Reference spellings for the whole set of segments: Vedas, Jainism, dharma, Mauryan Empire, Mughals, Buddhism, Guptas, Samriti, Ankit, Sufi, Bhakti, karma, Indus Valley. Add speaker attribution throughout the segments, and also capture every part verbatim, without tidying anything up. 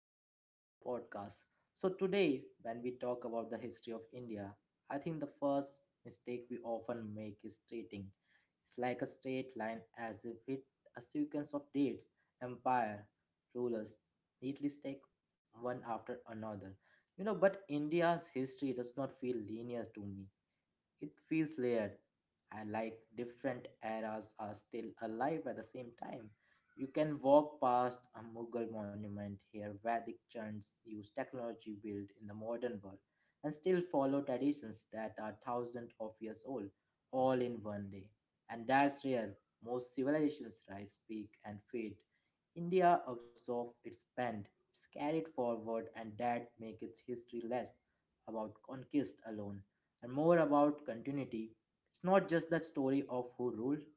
Speaker 1: episode of our podcast. So today when we talk about the history of India, I think the first mistake we often make is treating it's like a straight line, as if it a sequence of dates, empire, rulers neatly stack one after another. You know, but India's history does not feel linear to me. It feels layered. I like different eras are still alive at the same time. You can walk past a Mughal monument here, Vedic chants use technology built in the modern world, and still follow traditions that are thousands of years old, all in one day. And that's rare. Most civilizations rise, peak, and fade. India absorbed its bend, it's carried forward, and that makes its history less about conquest alone and more about continuity. It's not just the story of who ruled,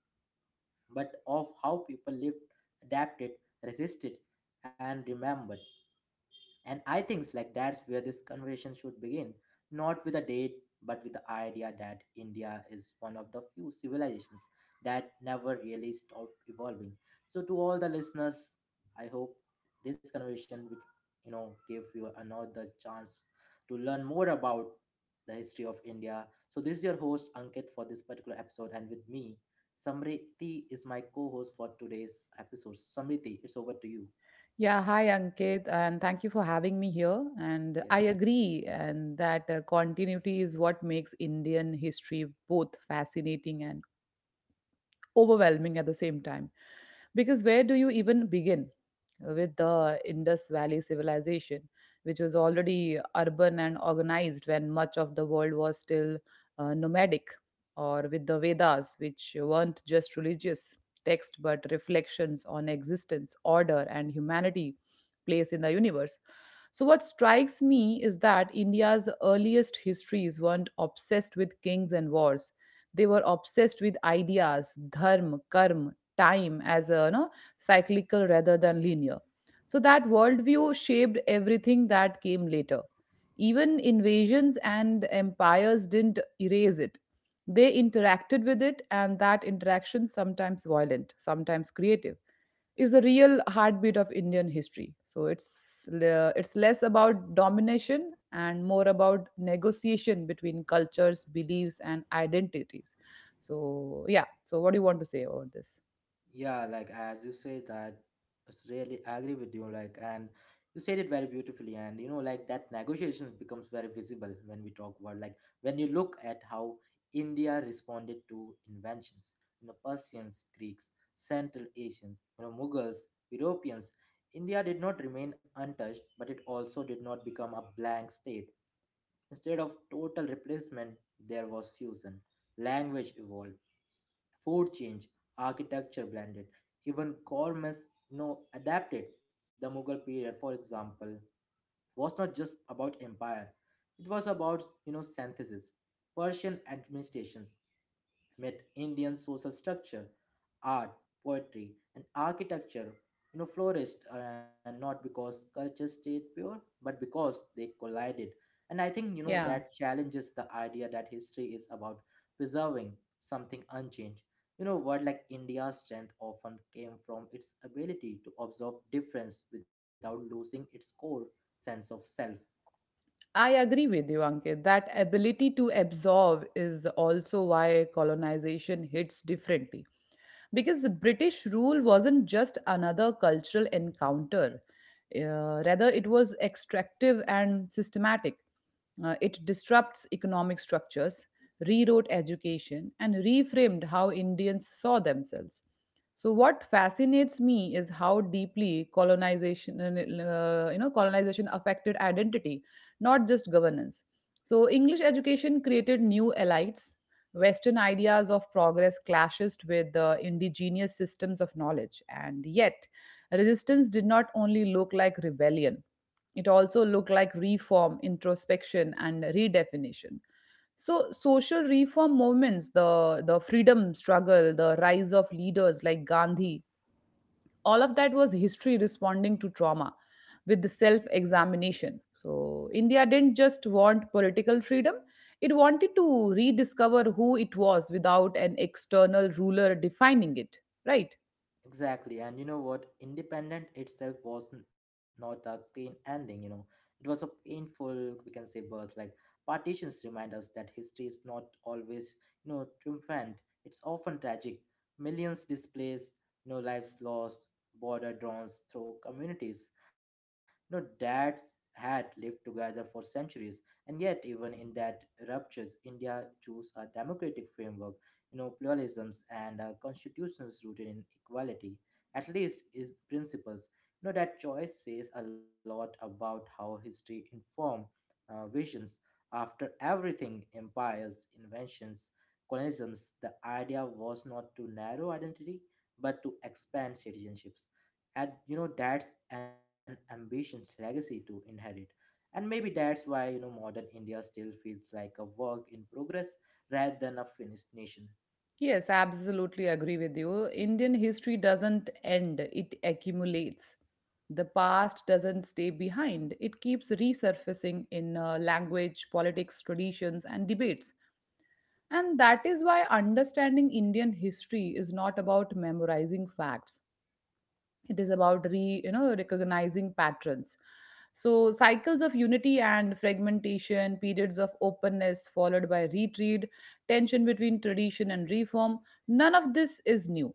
Speaker 1: but of how people lived, adapted, resisted, and remembered. And I think like that's where this conversation should begin, not with a date, but with the idea that India is one of the few civilizations that never really stopped evolving. So to all the listeners, I hope this conversation will, you know, give you another chance to learn more about the history of India. So this is your host Ankit for this particular episode, and with me, Samriti is my co-host for today's episode. Samriti, it's over to you.
Speaker 2: Yeah, hi Ankit, and thank you for having me here. And
Speaker 1: Yeah.
Speaker 2: I agree, and that uh, continuity is what makes Indian history both fascinating and overwhelming at the same time because where do you even begin with the Indus Valley civilization, which was already urban and organized when much of the world was still uh, nomadic, or with the Vedas, which weren't just religious text but reflections on existence, order, and humanity place in the universe. So, what strikes me is that India's earliest histories weren't obsessed with kings and wars. They were obsessed with ideas, dharma, karma, time as a you know, cyclical rather than linear. So, that worldview shaped everything that came later. Even invasions and empires didn't erase it. They interacted with it, and that interaction, sometimes violent, sometimes creative, is the real heartbeat of Indian history. So it's le- it's less about domination and more about negotiation between cultures, beliefs, and identities. So yeah. So what do you want to say about this?
Speaker 1: Yeah, like as you say that, it's really agree with you. Like, and you said it very beautifully, and you know, like that negotiation becomes very visible when we talk about like when you look at how India responded to inventions, you know, Persians, Greeks, Central Asians, you know, Mughals, Europeans. India did not remain untouched, but it also did not become a blank state. Instead of total replacement, there was fusion. Language evolved, food change, architecture blended, even governments you know, adapted. The Mughal period, for example, was not just about empire; it was about you know synthesis. Persian administrations with Indian social structure, art, poetry, and architecture, you know, flourished uh, not because culture stayed pure, but because they collided. And I think, you know, that
Speaker 2: Yeah,
Speaker 1: challenges the idea that history is about preserving something unchanged. You know, word like India's strength often came from its ability to observe difference without losing its core sense of self.
Speaker 2: I agree with you, Ankit. That ability to absorb is also why colonization hits differently. Because the British rule wasn't just another cultural encounter, uh, rather, it was extractive and systematic. Uh, it disrupts economic structures, rewrote education, and reframed how Indians saw themselves. So, what fascinates me is how deeply colonization, uh, you know, colonization affected identity, not just governance. So, English education created new elites. Western ideas of progress clashed with the indigenous systems of knowledge, and yet resistance did not only look like rebellion, it also looked like reform, introspection, and redefinition. So social reform movements, the, the freedom struggle, the rise of leaders like Gandhi, all of that was history responding to trauma with the self-examination. So India didn't just want political freedom, it wanted to rediscover who it was without an external ruler defining it, right?
Speaker 1: Exactly, and you know what? Independent itself was n- not a clean ending, you know. It was a painful, we can say, birth. Like, partitions remind us that history is not always, you know, triumphant. It's often tragic. Millions displaced, you know, lives lost, border drawn through communities. You know, dads had lived together for centuries, and yet, even in that ruptures, India chose a democratic framework, you know, pluralisms and uh, constitutions rooted in equality, at least is principles. You know, that choice says a lot about how history inform uh, visions. After everything, empires, inventions, colonialisms, the idea was not to narrow identity, but to expand citizenships. And you know, that's an ambitious legacy to inherit. And maybe that's why you know modern India still feels like a work in progress rather than a finished nation.
Speaker 2: Yes, I absolutely agree with you. Indian history doesn't end, it accumulates. The past doesn't stay behind, it keeps resurfacing in uh, language, politics, traditions, and debates. And that is why understanding Indian history is not about memorizing facts, it is about re you know recognizing patterns, so cycles of unity and fragmentation, periods of openness followed by retreat, tension between tradition and reform. None of this is new,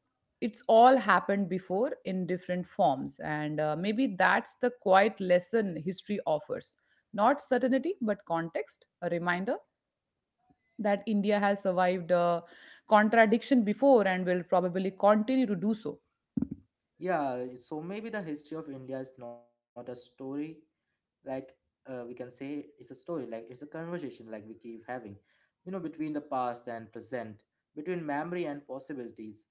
Speaker 2: it's all happened before in different forms, and uh, maybe that's the quiet lesson history offers, not certainty but context, a reminder that india has survived uh, contradiction before and will probably continue to do so.
Speaker 1: Yeah, so maybe the history of India is not a story, like uh, we can say it's a story, like it's a conversation, like we keep having, you know, between the past and present, between memory and possibilities.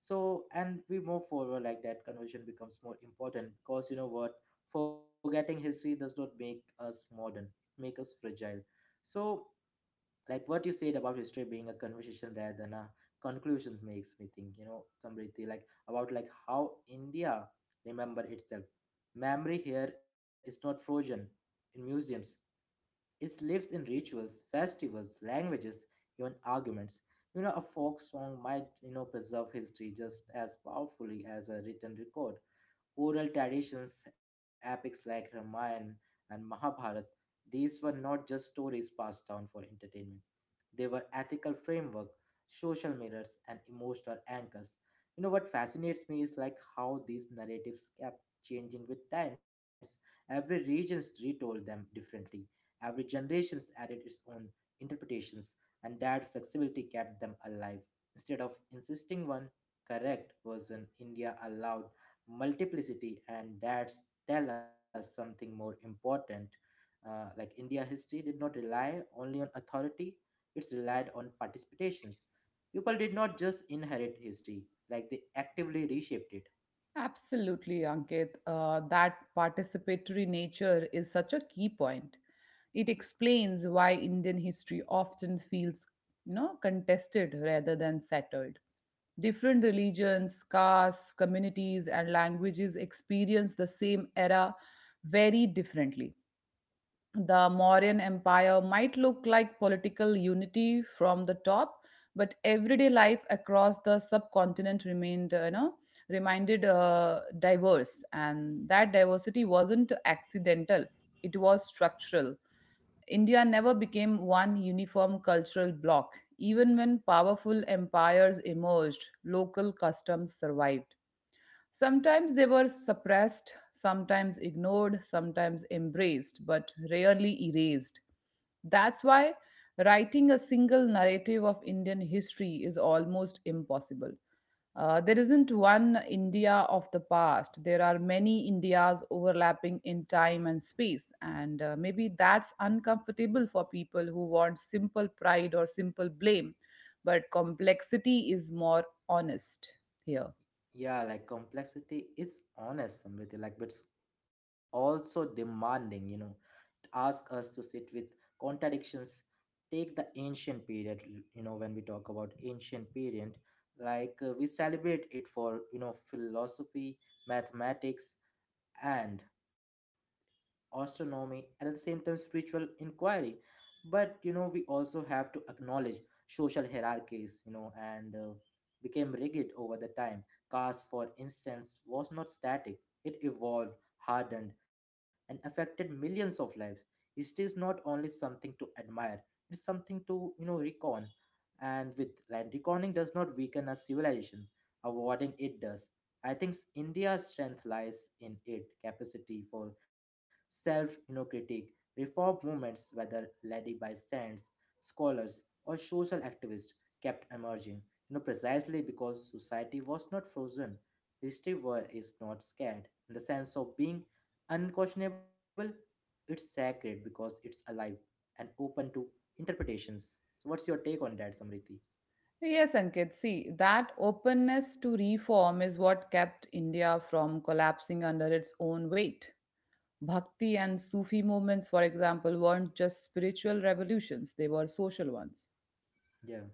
Speaker 1: So, and we move forward, like that conversation becomes more important, because you know what, forgetting history does not make us modern, it make us fragile. So, like what you said about history being a conversation rather than a conclusion makes me think, you know Samriti, like about like how india remember itself. Memory here is not frozen in museums, it lives in rituals, festivals, languages, even arguments. You know a folk song might you know preserve history just as powerfully as a written record. Oral traditions, epics like Ramayana and Mahabharat, these were not just stories passed down for entertainment, they were ethical framework, social mirrors, and emotional anchors. You know what fascinates me is like how these narratives kept changing with times. Every regions retold them differently. Every generations added its own interpretations, and that flexibility kept them alive. Instead of insisting one correct version, India allowed multiplicity, and that's tell us something more important. uh, like India history did not rely only on authority, it's relied on participations. People did not just inherit history, like they actively reshaped it.
Speaker 2: Absolutely, Ankit. Uh, that participatory nature is such a key point. It explains why Indian history often feels, you know, contested rather than settled. Different religions, castes, communities, and languages experience the same era very differently. The Mauryan Empire might look like political unity from the top, but everyday life across the subcontinent remained, uh, you know, reminded uh, diverse, and that diversity wasn't accidental; it was structural. India never became one uniform cultural bloc. Even when powerful empires emerged, local customs survived. Sometimes they were suppressed, sometimes ignored, sometimes embraced, but rarely erased. That's why writing a single narrative of Indian history is almost impossible. Uh, there isn't one India of the past. There are many Indias overlapping in time and space, and uh, maybe that's uncomfortable for people who want simple pride or simple blame, but complexity is more honest here.
Speaker 1: Yeah, like complexity is honest, Samriti, like but it's also demanding, you know. Ask us to sit with contradictions. Take the ancient period, l- you know, when we talk about ancient period, like uh, we celebrate it for, you know, philosophy, mathematics, and astronomy, and at the same time spiritual inquiry. But you know, we also have to acknowledge social hierarchies, you know, and uh, became rigid over the time. Caste, for instance, was not static; it evolved, hardened, and affected millions of lives. It is not only something to admire; it's something to you know recon. And with land reconing does not weaken a civilization; avoiding it does. I think s- India's strength lies in its capacity for self you know, critique. Reform movements, whether led by saints, scholars, or social activists, kept emerging. You know, precisely because society was not frozen, history war is not scared. In the sense of being unquestionable, it's sacred because it's alive and open to interpretations. So, what's your take on that, Samriti?
Speaker 2: Yes, Ankit. See, that openness to reform is what kept India from collapsing under its own weight. Bhakti and Sufi movements, for example, weren't just spiritual revolutions, they were social ones.
Speaker 1: Yeah.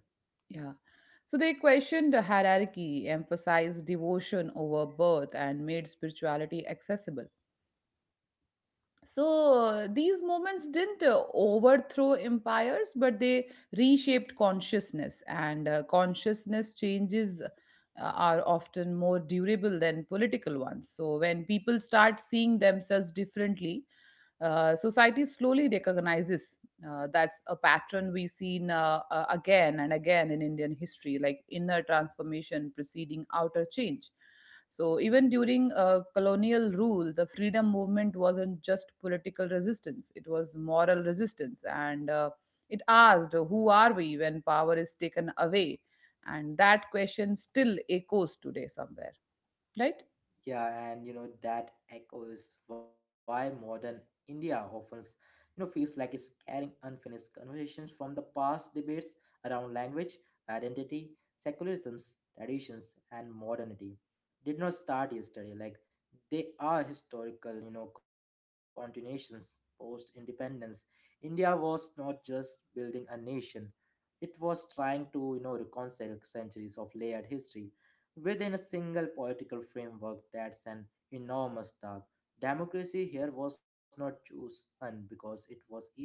Speaker 2: Yeah. So they questioned the hierarchy, emphasized devotion over birth, and made spirituality accessible. So uh, these movements didn't uh, overthrow empires, but they reshaped consciousness, and uh, consciousness changes uh, are often more durable than political ones. So when people start seeing themselves differently, uh, society slowly recognizes uh, that's a pattern we've seen uh, uh, again and again in Indian history, like inner transformation preceding outer change. So, even during uh, colonial rule, the freedom movement wasn't just political resistance, it was moral resistance. And uh, it asked, who are we when power is taken away? And that question still echoes today somewhere, right?
Speaker 1: Yeah, and you know that echoes why modern India often, you know, feels like it's carrying unfinished conversations from the past debates around language, identity, secularisms, traditions, and modernity. Did not start yesterday. Like they are historical, you know, continuations post independence. India was not just building a nation; it was trying to, you know, reconcile centuries of layered history within a single political framework. That's an enormous task. Democracy here was not chosen because it was easy,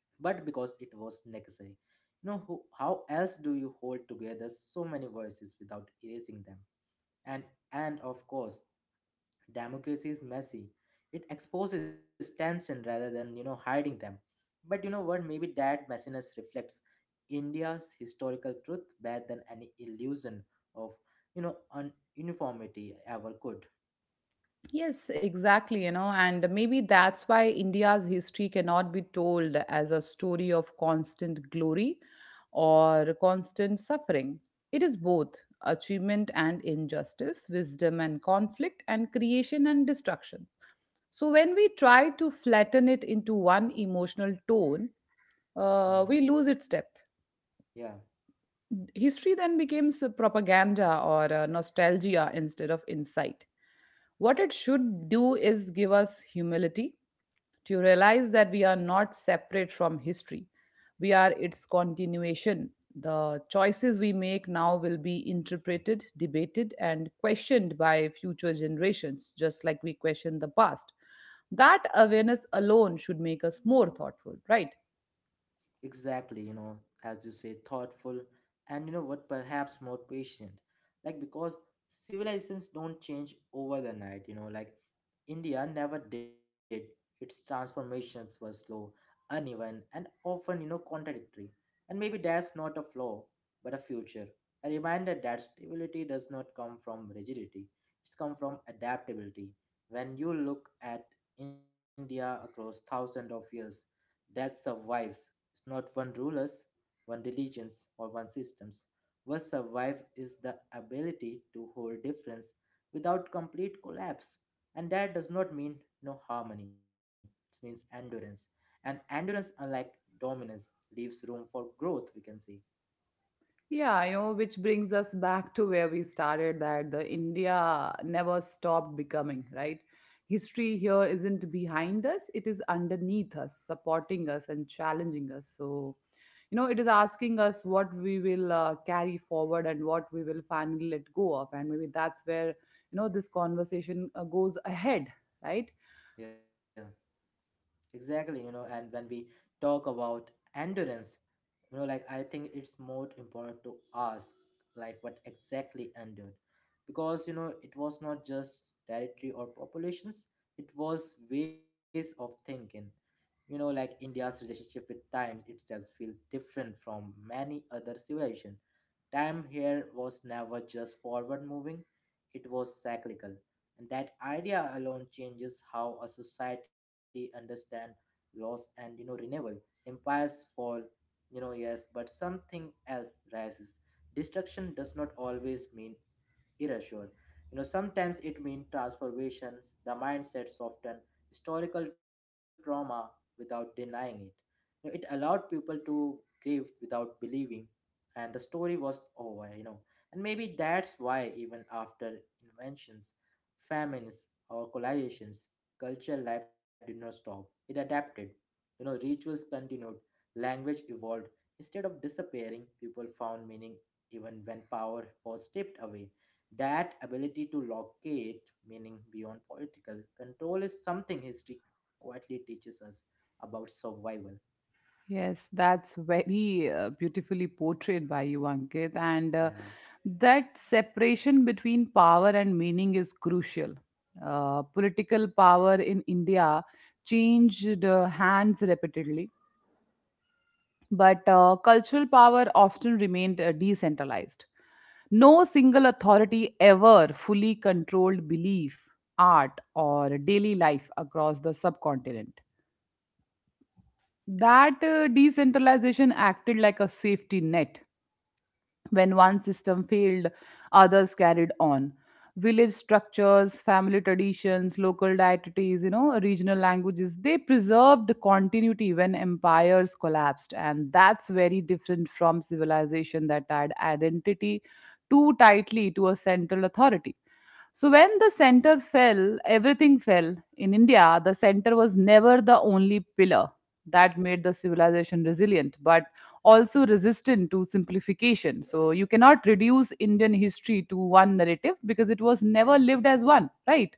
Speaker 1: but because it was necessary. You know, who, how else do you hold together so many voices without erasing them? And and of course, democracy is messy, it exposes tension rather than you know hiding them. But you know what, maybe that messiness reflects India's historical truth better than any illusion of you know un- uniformity ever could.
Speaker 2: Yes, exactly, you know, and maybe that's why India's history cannot be told as a story of constant glory or constant suffering. It is both achievement and injustice, wisdom and conflict, and creation and destruction. So when we try to flatten it into one emotional tone,
Speaker 1: Hmm.
Speaker 2: uh, we lose its depth.
Speaker 1: Yeah,
Speaker 2: History then becomes propaganda or a nostalgia instead of insight. What it should do is give us humility to realize that we are not separate from history. We are its continuation. The choices we make now will be interpreted, debated, and questioned by future generations, just like we question the past. That awareness alone should make us more thoughtful, right?
Speaker 1: exactly, you know, as you say thoughtful, and you know what, perhaps more patient, like because civilizations don't change over the night, you know, like India never did. Its transformations were slow, uneven, and often you know contradictory. And maybe that's not a flaw, but a future, a reminder that stability does not come from rigidity, it's come from adaptability. When you look at India across thousands of years, that survives. It's not one rulers, one religions, or one systems. What survives is the ability to hold difference without complete collapse. And that does not mean no harmony. It means endurance. And endurance, unlike dominance, leaves room for growth, we can say.
Speaker 2: Yeah, you know, which brings us back to where we started, that the India never stopped becoming, right? History here isn't behind us, it is underneath us, supporting us and challenging us. So, you know, it is asking us what we will uh, carry forward and what we will finally let go of. And maybe that's where, you know, this conversation uh, goes ahead, right?
Speaker 1: Yeah. Exactly, you know, and when we talk about endurance, you know, like I think it's more important to ask, like, what exactly endured. Because, you know, it was not just territory or populations, it was ways of thinking. You know, like India's relationship with time itself feels different from many other civilizations. Time here was never just forward moving, it was cyclical, and that idea alone changes how a society understand loss and you know renewal. Empires fall, you know, yes, but something else rises. Destruction does not always mean erasure, you know, sometimes it means transformations. The mindset soften historical trauma without denying it. You know, it allowed people to grieve without believing and the story was over, you know. And maybe that's why even after inventions, famines, or collisions, cultural life did not stop. It adapted. You know, rituals continued, language evolved. Instead of disappearing, people found meaning even when power was stripped away. That ability to locate meaning beyond political control is something history quietly teaches us about survival.
Speaker 2: Yes, that's very uh, beautifully portrayed by you, Ankit. And uh,
Speaker 1: Yeah.
Speaker 2: that separation between power and meaning is crucial. Uh, political power in India changed uh, hands repeatedly, but uh, cultural power often remained uh, decentralized. No single authority ever fully controlled belief, art, or daily life across the subcontinent. That uh, decentralization acted like a safety net. When one system failed, others carried on. Village structures, family traditions, local deities, you know, regional languages, they preserved continuity when empires collapsed. And that's very different from civilization that tied identity too tightly to a central authority. So when the center fell, everything fell. In India, the center was never the only pillar that made the civilization resilient, but also resistant to simplification. So you cannot reduce Indian history to one narrative because it was never lived as one, right?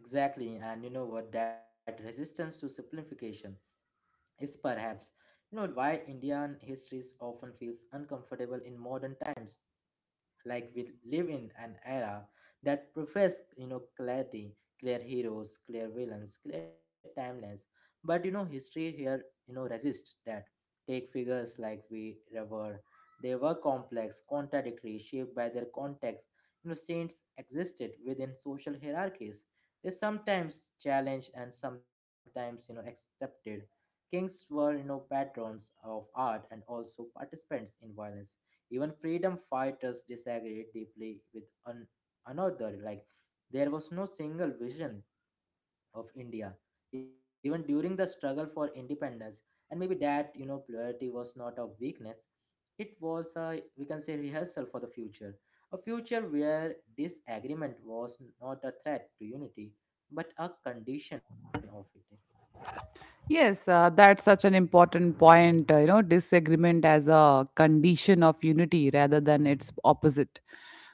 Speaker 1: Exactly, and you know what? That resistance to simplification is perhaps you know why Indian histories often feels uncomfortable in modern times. Like we live in an era that profess you know clarity, clear heroes, clear villains, clear timelines. But you know, history here you know resist that. Take figures like we revere. They were complex, contradictory, shaped by their context. You know, saints existed within social hierarchies, is sometimes challenged and sometimes you know accepted. Kings were you know patrons of art and also participants in violence. Even freedom fighters disagreed deeply with an- another. Like there was no single vision of India, even during the struggle for independence. And maybe that, you know, plurality was not a weakness, it was a, we can say, rehearsal for the future. A future where disagreement was not a threat to unity, but a condition of it.
Speaker 2: Yes, uh, that's such an important point. Uh, you know, disagreement as a condition of unity rather than its opposite.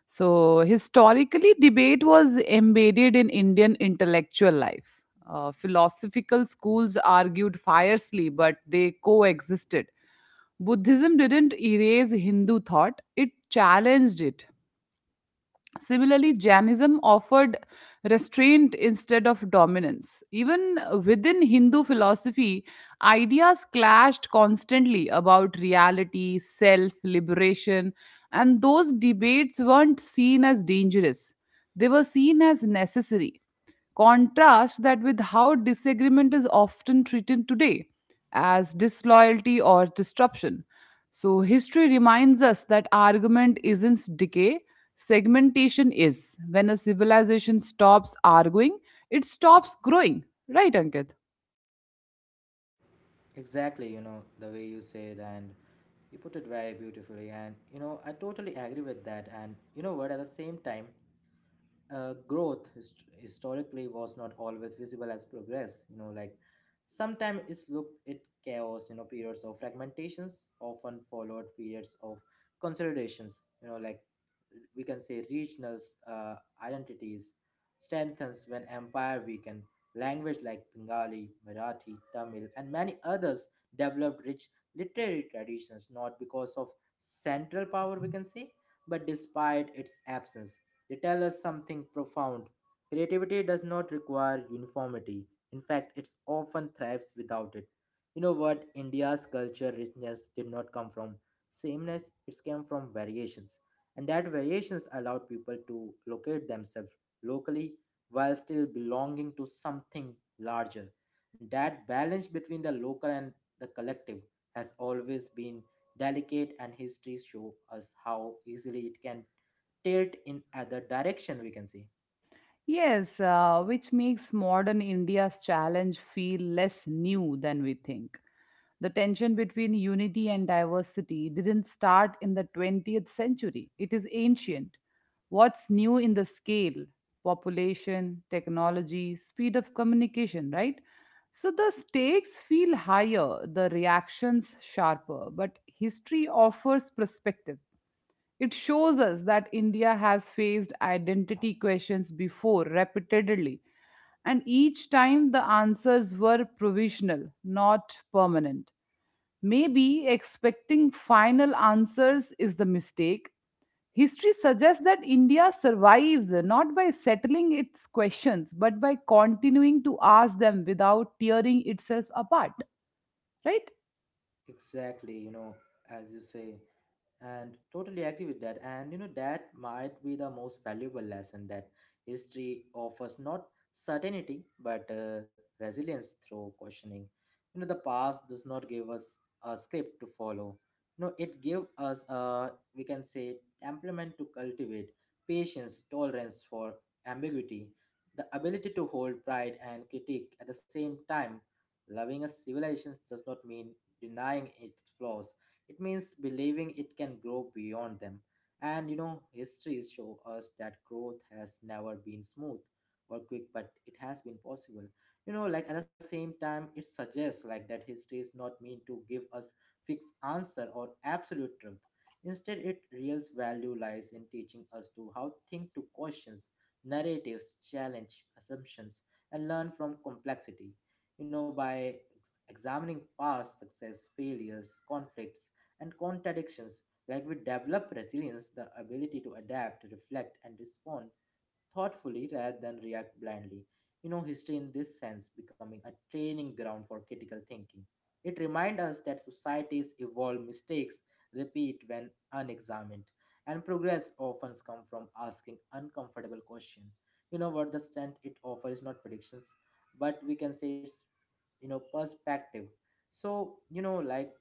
Speaker 2: So, historically, debate was embedded in Indian intellectual life. Uh, philosophical schools argued fiercely, but they coexisted. Buddhism didn't erase Hindu thought, it challenged it. Similarly, Jainism offered restraint instead of dominance. Even within Hindu philosophy, ideas clashed constantly about reality, self, liberation, and those debates weren't seen as dangerous. They were seen as necessary. Contrast that with how disagreement is often treated today as disloyalty or disruption. So, history reminds us that argument isn't decay, segmentation is. When a civilization stops arguing, it stops growing. Right, Ankit?
Speaker 1: Exactly, you know, the way you said, and you put it very beautifully. And, you know, I totally agree with that. And, you know what, at the same time, uh, growth hist- historically was not always visible as progress, you know like sometimes it's looked at chaos, you know periods of fragmentations often followed periods of consolidations, you know like we can say regional uh, identities strengthens when empire weakened, language like bengali marathi tamil and many others developed rich literary traditions not because of central power we can say, but despite its absence. They tell us something profound. Creativity does not require uniformity. In fact, it often thrives without it. You know what? India's culture richness did not come from sameness, it came from variations. And that variations allowed people to locate themselves locally while still belonging to something larger. That balance between the local and the collective has always been delicate, and history show us how easily it can tilt in other direction we can say.
Speaker 2: Yes, uh, which makes modern India's challenge feel less new than we think. The tension between unity and diversity didn't start in the twentieth century, it is ancient. What's new in the scale? Population, technology, speed of communication, right? So the stakes feel higher, the reactions sharper, but history offers perspective. It shows us that India has faced identity questions before repeatedly, and each time the answers were provisional, not permanent. Maybe expecting final answers is the mistake. History suggests that India survives not by settling its questions, but by continuing to ask them without tearing itself apart, right?
Speaker 1: Exactly, you know, as you say, and totally agree with that. And you know, that might be the most valuable lesson that history offers, not certainty but uh, resilience through questioning. You know, the past does not give us a script to follow, you know, it gives us a we can say temperament to cultivate, patience, tolerance for ambiguity, the ability to hold pride and critique at the same time. Loving a civilization does not mean denying its flaws. It means believing it can grow beyond them. And you know, history show us that growth has never been smooth or quick, but it has been possible. You know, like at the same time, it suggests like that history is not meant to give us fixed answer or absolute truth. Instead, it real value lies in teaching us to how think to questions, narratives, challenge assumptions, and learn from complexity, you know, by ex- examining past success, failures, conflicts, and contradictions. Like we develop resilience, the ability to adapt, reflect, and respond thoughtfully rather than react blindly. You know, history in this sense becoming a training ground for critical thinking. It reminds us that societies evolve, mistakes repeat when unexamined, and progress often comes from asking uncomfortable questions. You know what, the strength it offers not predictions, but we can say it's you know perspective. So you know like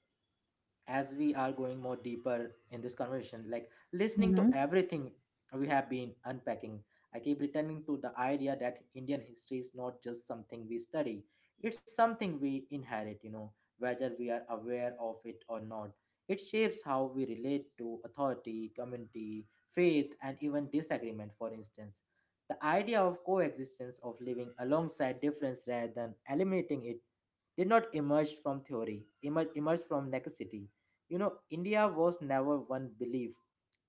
Speaker 1: as we are going more deeper in this conversation, like listening to
Speaker 2: Hmm.
Speaker 1: everything we have been unpacking, I keep returning to the idea that Indian history is not just something we study, it's something we inherit, you know, whether we are aware of it or not. It shapes how we relate to authority, community, faith, and even disagreement, for instance. The idea of coexistence, of living alongside difference rather than eliminating it, did not emerge from theory, emer- emerge from necessity. You know, India was never one belief,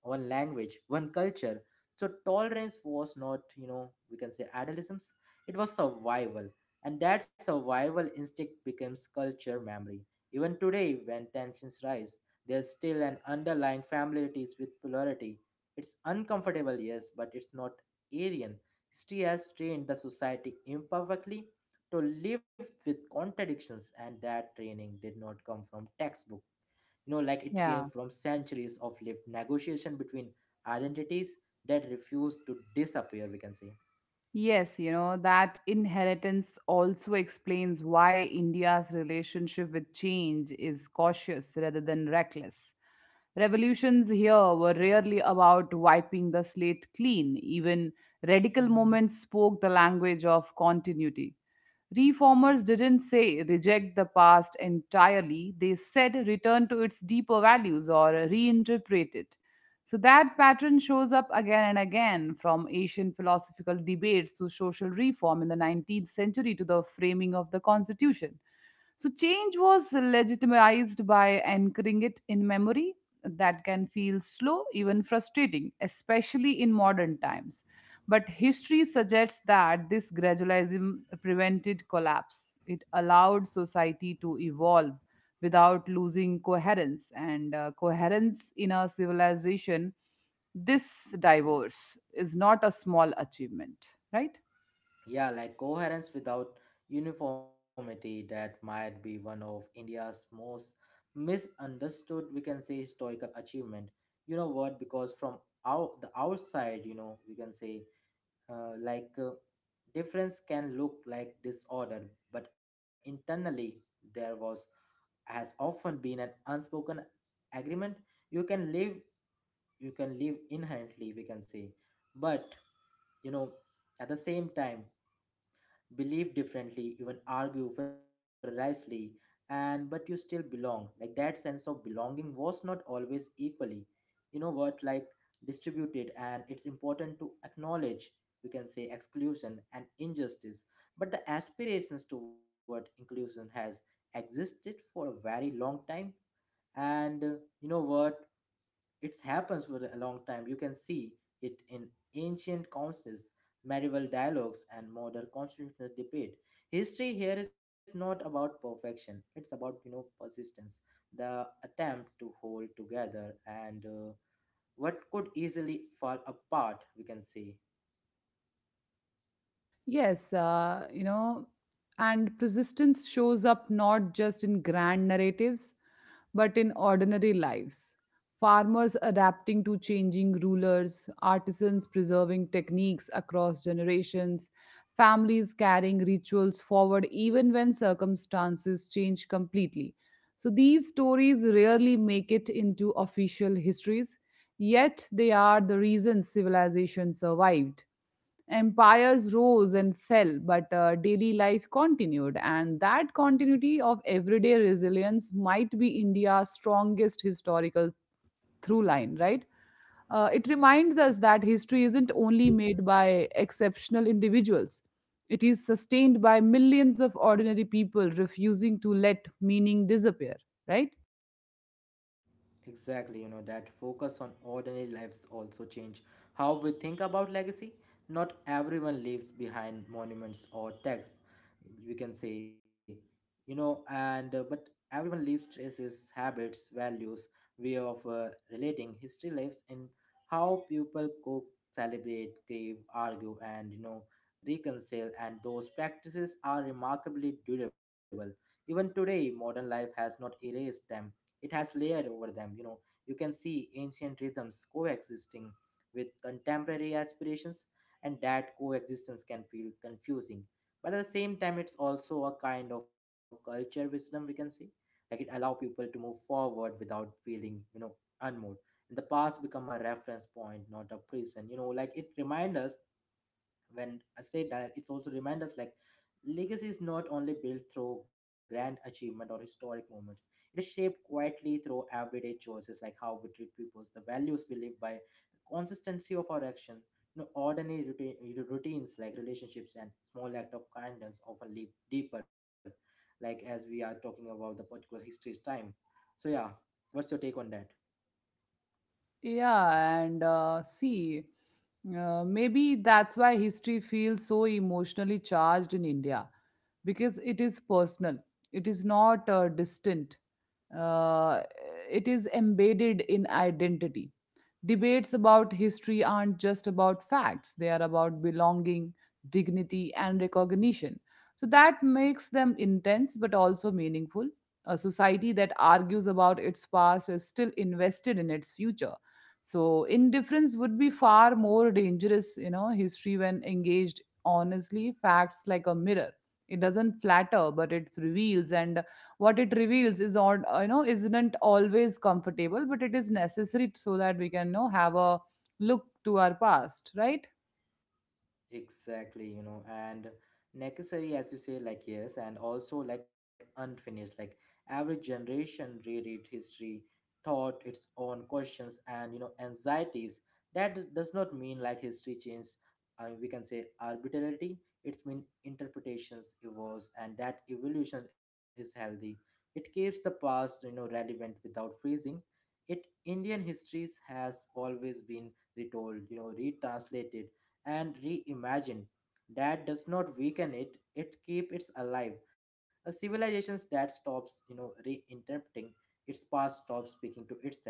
Speaker 1: one language, one culture. So tolerance was not, you know, we can say adolescence. It was survival. And that survival instinct becomes culture memory. Even today, when tensions rise, there's still an underlying familiarity with polarity. It's uncomfortable, yes, but it's not alien. History has trained the society imperfectly to live with contradictions, and that training did not come from textbook, you know like it came
Speaker 2: Yeah.
Speaker 1: from centuries of lived negotiation between identities that refused to disappear we can say.
Speaker 2: Yes, you know, that inheritance also explains why India's relationship with change is cautious rather than reckless. Revolutions here were rarely about wiping the slate clean, even radical movements spoke the language of continuity. Reformers didn't say reject the past entirely, they said return to its deeper values or reinterpret it. So that pattern shows up again and again, from Asian philosophical debates to social reform in the nineteenth century to the framing of the constitution. So change was legitimized by anchoring it in memory. That can feel slow, even frustrating, especially in modern times. But history suggests that this gradualism prevented collapse. It allowed society to evolve without losing coherence, and uh, coherence in a civilization, this divorce is not a small achievement, right?
Speaker 1: Yeah, like coherence without uniformity, that might be one of india's most misunderstood we can say historical achievement, you know what, because from out the outside, you know we can say uh, like uh, difference can look like disorder, but internally there was has often been an unspoken agreement. You can live, you can live inherently we can say, but, you know at the same time, believe differently, even argue ferociously, and but you still belong. Like that sense of belonging was not always equally, you know what, like distributed, and it's important to acknowledge we can say exclusion and injustice, but the aspirations toward inclusion has existed for a very long time. And uh, you know what, it happens for a long time. You can see it in ancient councils, medieval dialogues, and modern constitutional debate. History here is not about perfection. It's about you know persistence, the attempt to hold together and uh, what could easily fall apart. We can say.
Speaker 2: Yes, uh, you know, and persistence shows up not just in grand narratives, but in ordinary lives. Farmers adapting to changing rulers, artisans preserving techniques across generations, families carrying rituals forward even when circumstances change completely. So these stories rarely make it into official histories, yet they are the reason civilization survived. Empires rose and fell, but uh, daily life continued, and that continuity of everyday resilience might be India's strongest historical through line, right? Uh, it reminds us that history isn't only made by exceptional individuals, it is sustained by millions of ordinary people refusing to let meaning disappear, right?
Speaker 1: Exactly, you know, that focus on ordinary lives also change how we think about legacy. Not everyone leaves behind monuments or texts, we can say, you know, and uh, but everyone leaves traces, habits, values, way of uh, relating. History lives in how people cook, celebrate, grieve, argue, and, you know, reconcile. And those practices are remarkably durable. Even today, modern life has not erased them, it has layered over them, you know. You can see ancient rhythms coexisting with contemporary aspirations, and that coexistence can feel confusing. But at the same time, it's also a kind of culture wisdom, we can say. Like it allow people to move forward without feeling, you know, unmoved. And the past become a reference point, not a prison. You know, like it reminds us, when I say that, it's also remind us like legacy is not only built through grand achievement or historic moments. It is shaped quietly through everyday choices like how we treat people, the values we live by, the consistency of our action. You know, ordinary routine, routines like relationships and small act of kindness often leap deeper, like as we are talking about the particular history's time. So yeah, what's your take on that?
Speaker 2: Yeah, and uh, see, uh, maybe that's why history feels so emotionally charged in India because it is personal, it is not uh, distant, uh, it is embedded in identity. Debates about history aren't just about facts, they are about belonging, dignity, and recognition. So that makes them intense but also meaningful. A society that argues about its past is still invested in its future. So indifference would be far more dangerous, you know, history when engaged honestly, facts like a mirror. It doesn't flatter, but it reveals and what it reveals is on uh, you know isn't always comfortable but it is necessary so that we can you know have a look to our past right.
Speaker 1: Exactly, you know, and necessary, as you say, like, yes, and also like unfinished. Like, every generation reread history, thought its own questions, and, you know, anxieties. That does does not mean like history changed, uh, we can say arbitrarily. It's mean interpretations evolves, and that evolution is healthy. It keeps the past, you know, relevant without freezing. It Indian histories has always been retold, you know, retranslated and reimagine. That does not weaken it; it keeps it alive. A civilization that stops, you know, reinterpreting its past, stops speaking to itself.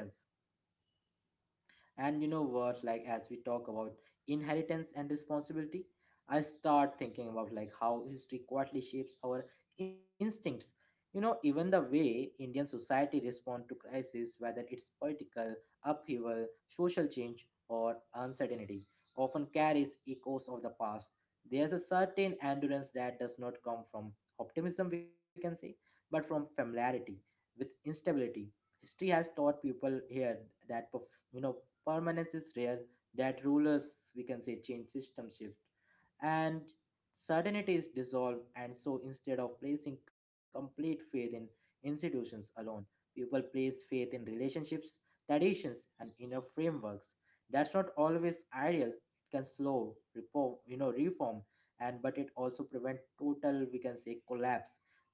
Speaker 1: And you know what, like as we talk about inheritance and responsibility, I start thinking about like how history quietly shapes our instincts. You know, even the way Indian society respond to crisis, whether it's political, upheaval, social change, or uncertainty, often carries echoes of the past. There's a certain endurance that does not come from optimism, we can say, but from familiarity with instability. History has taught people here that perf- you know permanence is rare, that rulers we can say change, system shift, and certainty is dissolved. And so instead of placing complete faith in institutions alone, people place faith in relationships, traditions and inner frameworks. That's not always ideal, it can slow reform, you know reform and but it also prevent total we can say collapse.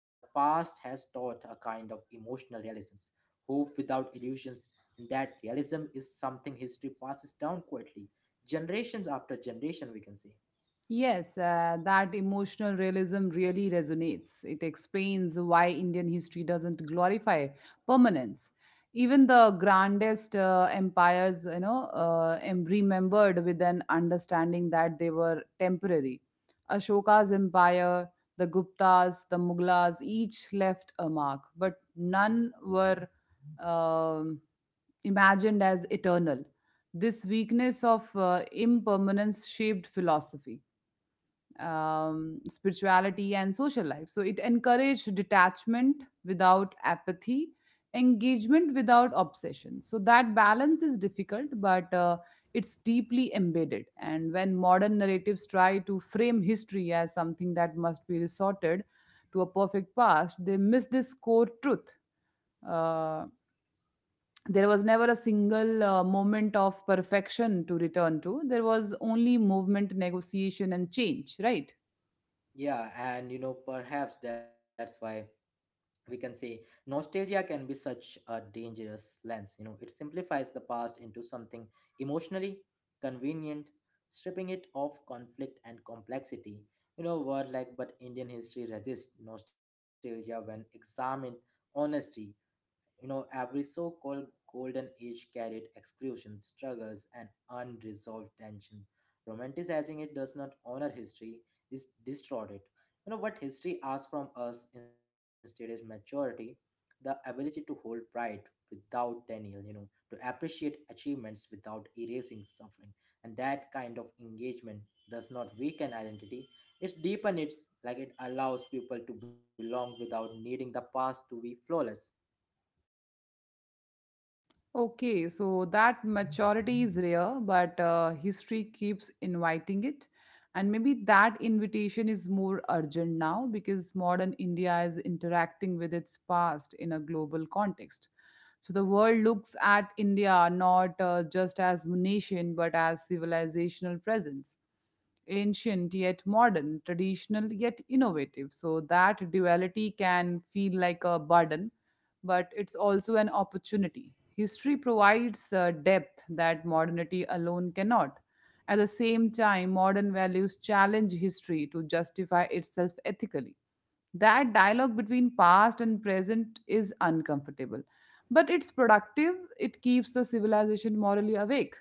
Speaker 1: The past has taught a kind of emotional realisms, hope without illusions, and that realism is something history passes down quietly, generations after generation, we can say.
Speaker 2: Yes, uh, that emotional realism really resonates. It explains why Indian history doesn't glorify permanence. Even the grandest uh, empires, you know, uh, am remembered with an understanding that they were temporary. Ashoka's empire, the Guptas, the Mughals, each left a mark, but none were um imagined as eternal. This weakness of uh, impermanence shaped philosophy, um, spirituality and social life. So it encouraged detachment without apathy, engagement without obsession. So that balance is difficult, but uh, it's deeply embedded. And when modern narratives try to frame history as something that must be resorted to a perfect past, they miss this core truth. Uh, there was never a single uh, moment of perfection to return to. There was only movement, negotiation, and change, right?
Speaker 1: Yeah, and you know, perhaps that's why we can say nostalgia can be such a dangerous lens. You know, it simplifies the past into something emotionally convenient, stripping it of conflict and complexity. You know, word like, but Indian history resists nostalgia when examined honestly. You know, every so called golden age carried exclusion, struggles, and unresolved tension. Romanticizing it does not honor history, it distorts it. You know, what history asks from us instead is maturity, the ability to hold pride without denial, you know, to appreciate achievements without erasing suffering. And that kind of engagement does not weaken identity, it deepens it, like it allows people to belong without needing the past to be flawless.
Speaker 2: Okay, so that maturity is rare, but uh, history keeps inviting it. And maybe that invitation is more urgent now because modern India is interacting with its past in a global context. So the world looks at India not uh, just as nation but as civilizational presence, ancient yet modern, traditional yet innovative. So that duality can feel like a burden, but it's also an opportunity. History provides a depth that modernity alone cannot. At the same time, modern values challenge history to justify itself ethically. That dialogue between past and present is uncomfortable, but it's productive. It keeps the civilization morally awake.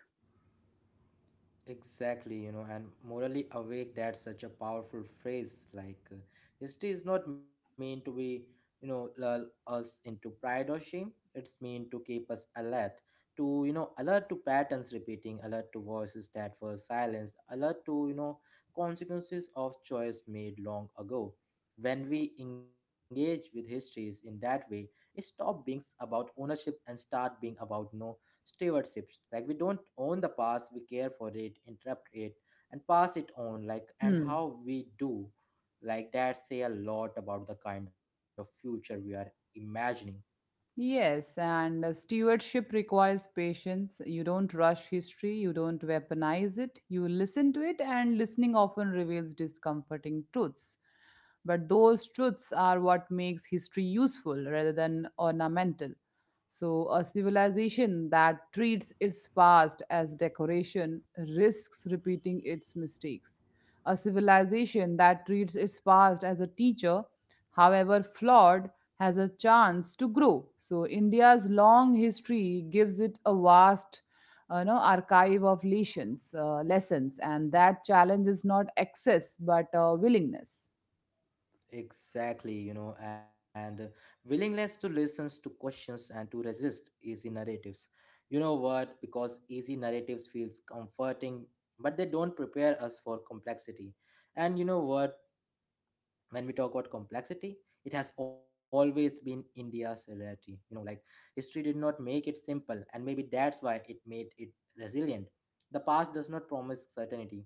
Speaker 1: Exactly, you know, and morally awake, that's such a powerful phrase. Like, uh, history is not meant to be, you know, lull us into pride or shame. It's meant to keep us alert, to, you know, alert to patterns repeating, alert to voices that were silenced, alert to, you know, consequences of choice made long ago. When we engage with histories in that way, it stops being about ownership and start being about, you know, stewardships. Like we don't own the past, we care for it, interrupt it, and pass it on. Like and
Speaker 2: Hmm.
Speaker 1: how we do, like that say a lot about the kind of future we are imagining.
Speaker 2: Yes, and uh, stewardship requires patience. You don't rush history, you don't weaponize it, you listen to it, and listening often reveals discomforting truths. But those truths are what makes history useful rather than ornamental. So, a civilization that treats its past as decoration risks repeating its mistakes. A civilization that treats its past as a teacher, however flawed, has a chance to grow. So, India's long history gives it a vast uh, know, archive of lessons, uh, lessons, and that challenge is not excess but uh, willingness.
Speaker 1: Exactly, you know, and willingness to listen to questions and to resist easy narratives, you know what, because easy narratives feels comforting but they don't prepare us for complexity. And you know what, when we talk about complexity, it has always been india's rarity, you know, like history did not make it simple and maybe that's why it made it resilient. The past does not promise certainty,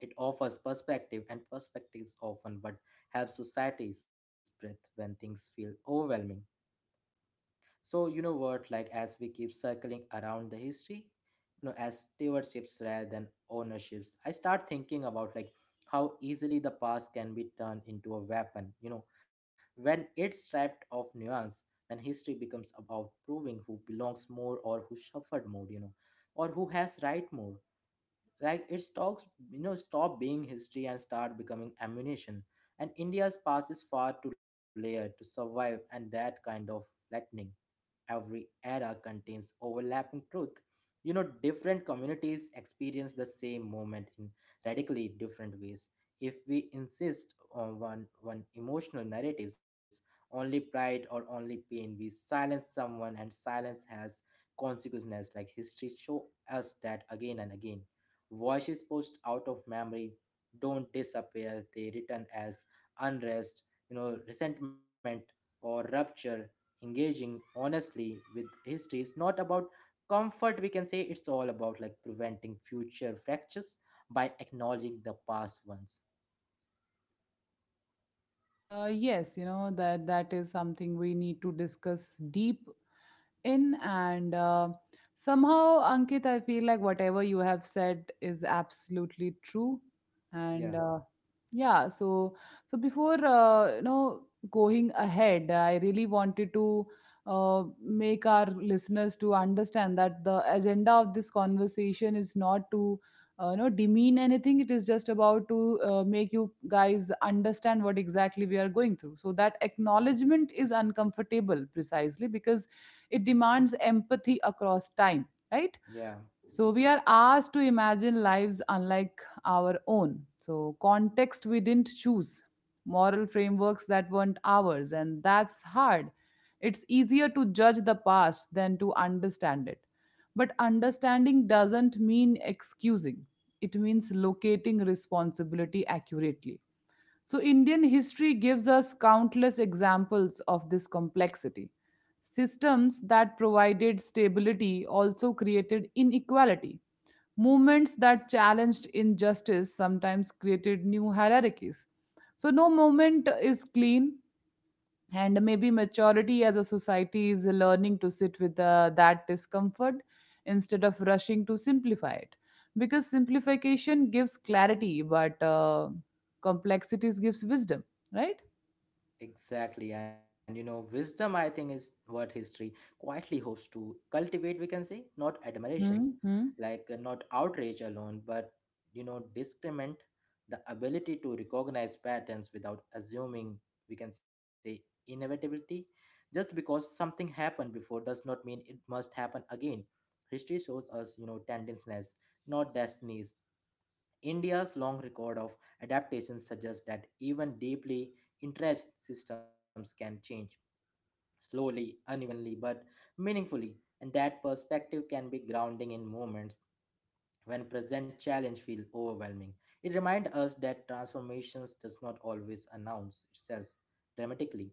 Speaker 1: it offers perspective, and perspective is often what helps societies breathe when things feel overwhelming. So you know what, like as we keep circling around the history, you know, as stewardships rather than ownerships, I start thinking about like how easily the past can be turned into a weapon, you know, when it's stripped of nuance, when history becomes about proving who belongs more or who suffered more, you know, or who has right more. Like it stops, you know, stop being history and start becoming ammunition. And India's past is far too layered to survive and that kind of flattening. Every era contains overlapping truth. You know, different communities experience the same moment in radically different ways. If we insist on one, one emotional narratives, only pride or only pain, we silence someone, and silence has consequences, like history show us that again and again. Voices pushed out of memory don't disappear, they return as unrest, you know, resentment, or rupture. Engaging honestly with history is not about comfort, we can say it's all about like preventing future fractures by acknowledging the past ones.
Speaker 2: Uh, yes, you know that that is something we need to discuss deep in, and uh, somehow, Ankit, I feel like whatever you have said is absolutely true, and
Speaker 1: Yeah,
Speaker 2: uh. Yeah, so so before uh, you know going ahead, I really wanted to uh, make our listeners to understand that the agenda of this conversation is not to uh, you know demean anything. It is just about to uh, make you guys understand what exactly we are going through. So that acknowledgement is uncomfortable precisely because it demands empathy across time, right?
Speaker 1: yeah.
Speaker 2: So we are asked to imagine lives unlike our own. So context we didn't choose, moral frameworks that weren't ours, and that's hard. It's easier to judge the past than to understand it. But understanding doesn't mean excusing. It means locating responsibility accurately. So, Indian history gives us countless examples of this complexity. Systems that provided stability also created inequality. Movements that challenged injustice sometimes created new hierarchies. So, no moment is clean, and maybe maturity as a society is learning to sit with uh, that discomfort instead of rushing to simplify it because simplification gives clarity but uh, complexities gives wisdom, right?
Speaker 1: Exactly. And you know, wisdom, I think, is what history quietly hopes to cultivate, we can say, not admirations,
Speaker 2: Mm-hmm.
Speaker 1: like uh, not outrage alone, but, you know, discernment, the ability to recognize patterns without assuming, we can say, inevitability. Just because something happened before does not mean it must happen again. History shows us, you know, tendencies, not destinies. India's long record of adaptations suggests that even deeply interest systems can change slowly, unevenly, but meaningfully, and that perspective can be grounding in moments when present challenge feels overwhelming. It reminds us that transformations does not always announce itself dramatically.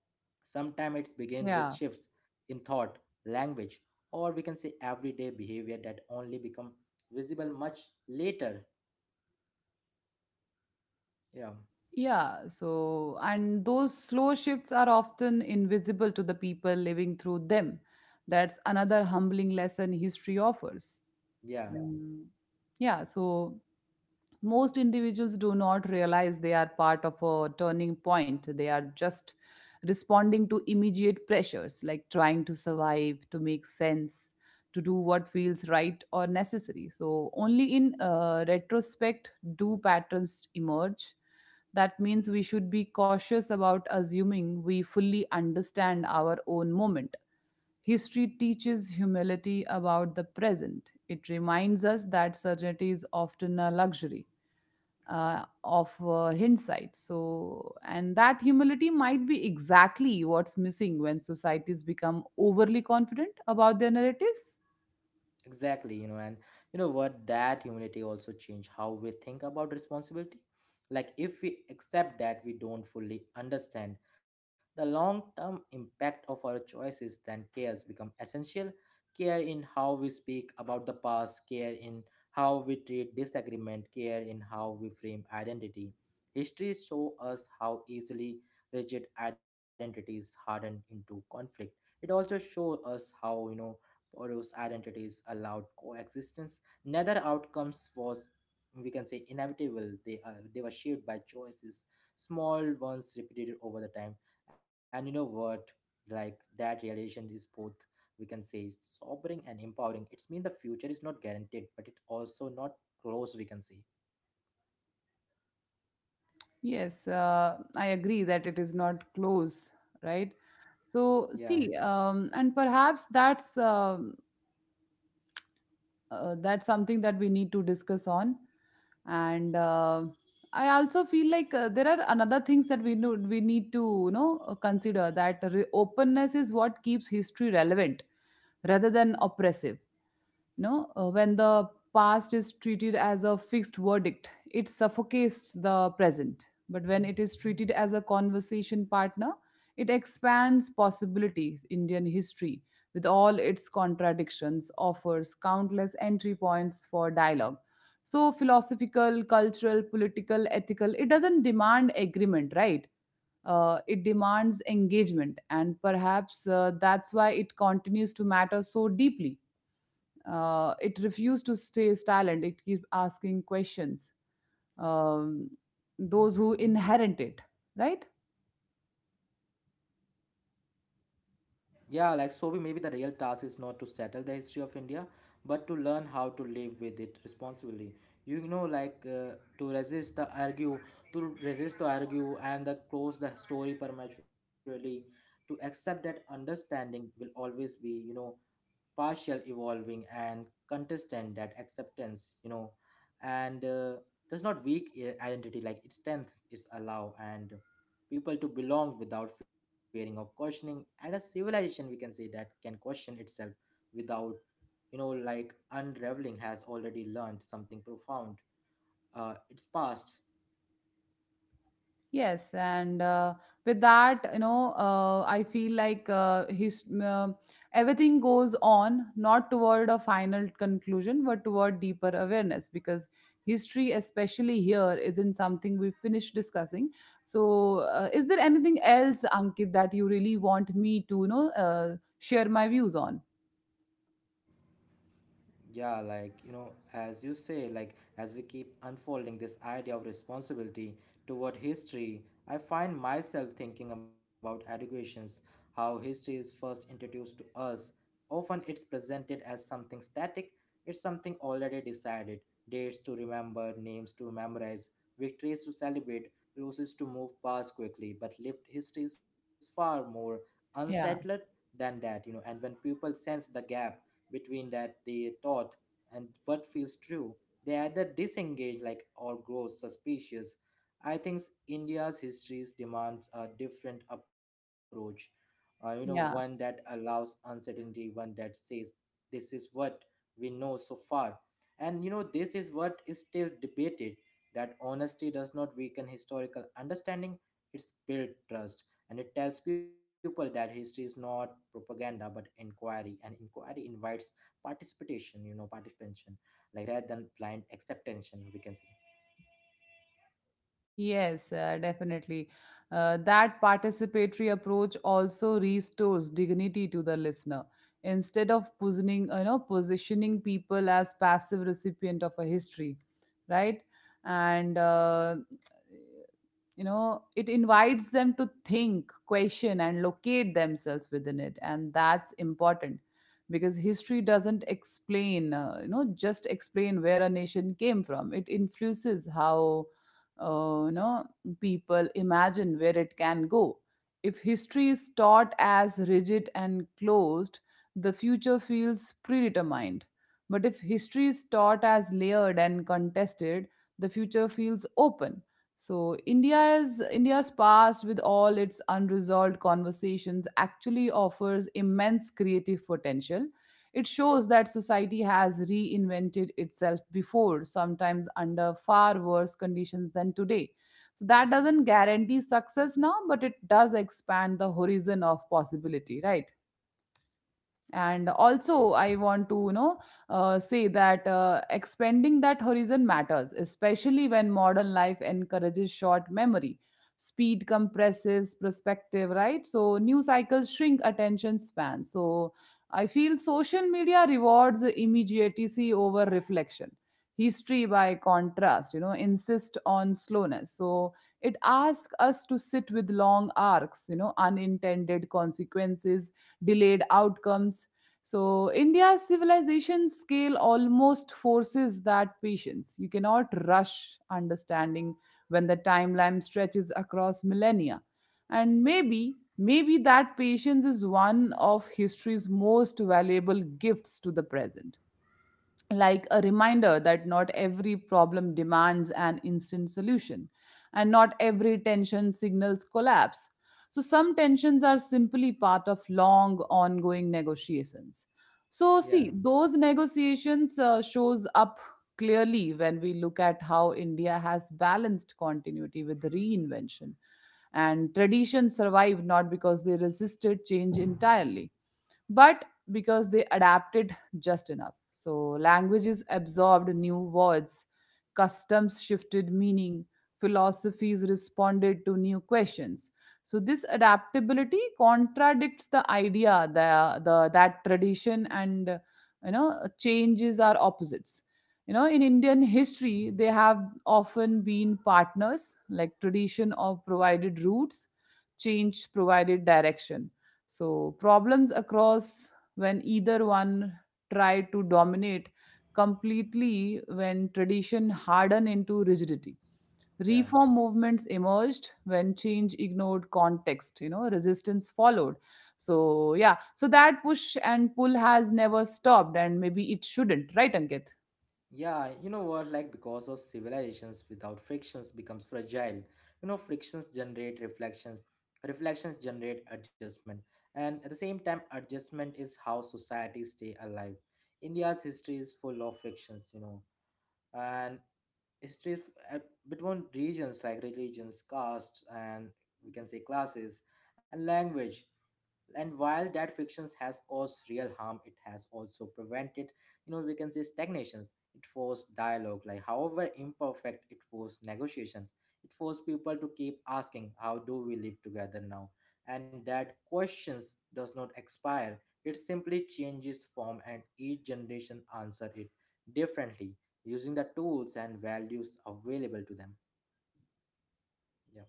Speaker 1: Sometimes it begins with shifts
Speaker 2: Yeah,
Speaker 1: in thought, language, or we can say everyday behavior that only become visible much later. Yeah,
Speaker 2: yeah, so and those slow shifts are often invisible to the people living through them. That's another humbling lesson history offers.
Speaker 1: yeah.
Speaker 2: Mm, yeah, so most individuals do not realize they are part of a turning point, they are just responding to immediate pressures like trying to survive, to make sense, to do what feels right or necessary. So only in uh, retrospect do patterns emerge. That means we should be cautious about assuming we fully understand our own moment. History teaches humility about the present. It reminds us that certainty is often a luxury uh, of uh, hindsight. So, and that humility might be exactly what's missing when societies become overly confident about their narratives.
Speaker 1: Exactly, you know, and you know what? That humility also change how we think about responsibility. Like, if we accept that we don't fully understand the long term impact of our choices, then cares become essential. Care in how we speak about the past, care in how we treat disagreement, care in how we frame identity. History show us how easily rigid identities harden into conflict. It also show us how, you know, or whose identities allowed coexistence. Neither outcomes was, we can say, inevitable. They uh, they were shaped by choices, small ones repeated over the time. And you know what? Like that realization is both, we can say, sobering and empowering. It's mean the future is not guaranteed, but it also not close. We can say,
Speaker 2: Yes, uh, I agree that it is not close, right?
Speaker 1: yeah.
Speaker 2: So, see, um, and perhaps that's uh, uh, that's something that we need to discuss on, and uh. I also feel like uh, there are another things that we know we need to you know uh, consider that re- openness is what keeps history relevant rather than oppressive. You know uh, when the past is treated as a fixed verdict it suffocates the present, but when it is treated as a conversation partner it expands possibilities. Indian history with all its contradictions offers countless entry points for dialogue, so philosophical, cultural, political, ethical. It doesn't demand agreement, right? Uh, it demands engagement, and perhaps uh, that's why it continues to matter so deeply. Uh, it refused to stay silent. It keeps asking questions. Um, those who inherit it, right?
Speaker 1: Yeah, like Sobi, maybe the real task is not to settle the history of India, but to learn how to live with it responsibly. You know, like uh, to resist the argue, to resist the argue, and the close the story prematurely. To accept that understanding will always be, you know, partial evolving and contestant, that acceptance, you know, and uh, does not weak i- identity, like its strength is allow and people to belong without fearing of questioning. And a civilization, we can say, that can question itself without, you know, like unraveling, has already learned something profound uh, its past.
Speaker 2: Yes, and uh, with that, you know, uh, I feel like uh, his uh, everything goes on not toward a final conclusion, but toward deeper awareness. Because history, especially here, isn't something we finished discussing. So, uh, is there anything else, Ankit, that you really want me to, you know, uh, share my views on?
Speaker 1: Yeah, like, you know, as you say, like, as we keep unfolding this idea of responsibility toward history, I find myself thinking about educations, how history is first introduced to us. Often it's presented as something static, it's something already decided, dates to remember, names to memorize, victories to celebrate, losses to move past quickly. But lived history is far more unsettled
Speaker 2: Yeah.
Speaker 1: than that, you know, and when people sense the gap between that they thought and what feels true, they either disengage like or grow suspicious. I think India's history demands a different approach. Uh, you know, one that
Speaker 2: Yeah,
Speaker 1: allows uncertainty, one that says this is what we know so far. And you know, this is what is still debated. That honesty does not weaken historical understanding, it's built trust. And it tells people that history is not propaganda but inquiry, and inquiry invites participation, you know, participation, like rather than blind acceptance, we can say.
Speaker 2: yes, uh, definitely. Uh, that participatory approach also restores dignity to the listener. Instead of positioning, you know, positioning people as passive recipient of a history, right? And uh, you know it invites them to think, question, and locate themselves within it, and that's important because history doesn't explain uh, you know just explain where a nation came from, it influences how uh, you know people imagine where it can go. If history is taught as rigid and closed, the future feels predetermined. But if history is taught as layered and contested, the future feels open. So India's India's past with all its unresolved conversations actually offers immense creative potential. It shows that society has reinvented itself before, sometimes under far worse conditions than today. So that doesn't guarantee success now, but it does expand the horizon of possibility, right? And also I want to you know uh, say that uh, expanding that horizon matters, especially when modern life encourages short memory. Speed compresses perspective, right? So new cycles shrink attention span. So I feel social media rewards immediacy over reflection. History, by contrast, you know insist on slowness. So it asks us to sit with long arcs, you know, unintended consequences, delayed outcomes. So, India's civilization scale almost forces that patience. You cannot rush understanding when the timeline stretches across millennia. And maybe, maybe that patience is one of history's most valuable gifts to the present, like a reminder that not every problem demands an instant solution and not every tension signals collapse. So, some tensions are simply part of long ongoing negotiations. So,
Speaker 1: Yeah,
Speaker 2: see, those negotiations uh, shows up clearly when we look at how India has balanced continuity with reinvention. And traditions survived not because they resisted change entirely, but because they adapted just enough. So languages absorbed new words, customs shifted meaning, philosophies responded to new questions. So this adaptability contradicts the idea that the that tradition and uh, you know changes are opposites. You know, in Indian history, they have often been partners, like tradition of provided roots, change provided direction. So problems across when either one try to dominate completely. When tradition harden into rigidity,
Speaker 1: yeah.
Speaker 2: reform movements emerged. When change ignored context, you know, resistance followed. So yeah, so that push and pull has never stopped, and maybe it shouldn't, right Ankit?
Speaker 1: Yeah, you know what? Like because of civilizations without frictions becomes fragile. You know, frictions generate reflections, reflections generate adjustment, and at the same time, adjustment is how societies stay alive. India's history is full of frictions, you know, and stays uh, between regions, like religions, castes, and we can say classes and language. And while that frictions has caused real harm, it has also prevented, you know, we can say, stagnations. It forced dialogue, like however imperfect, it forced negotiations, it forced people to keep asking how do we live together now. And that questions does not expire, it simply changes form, and each generation answer it differently, using the tools and values available to them. Yeah,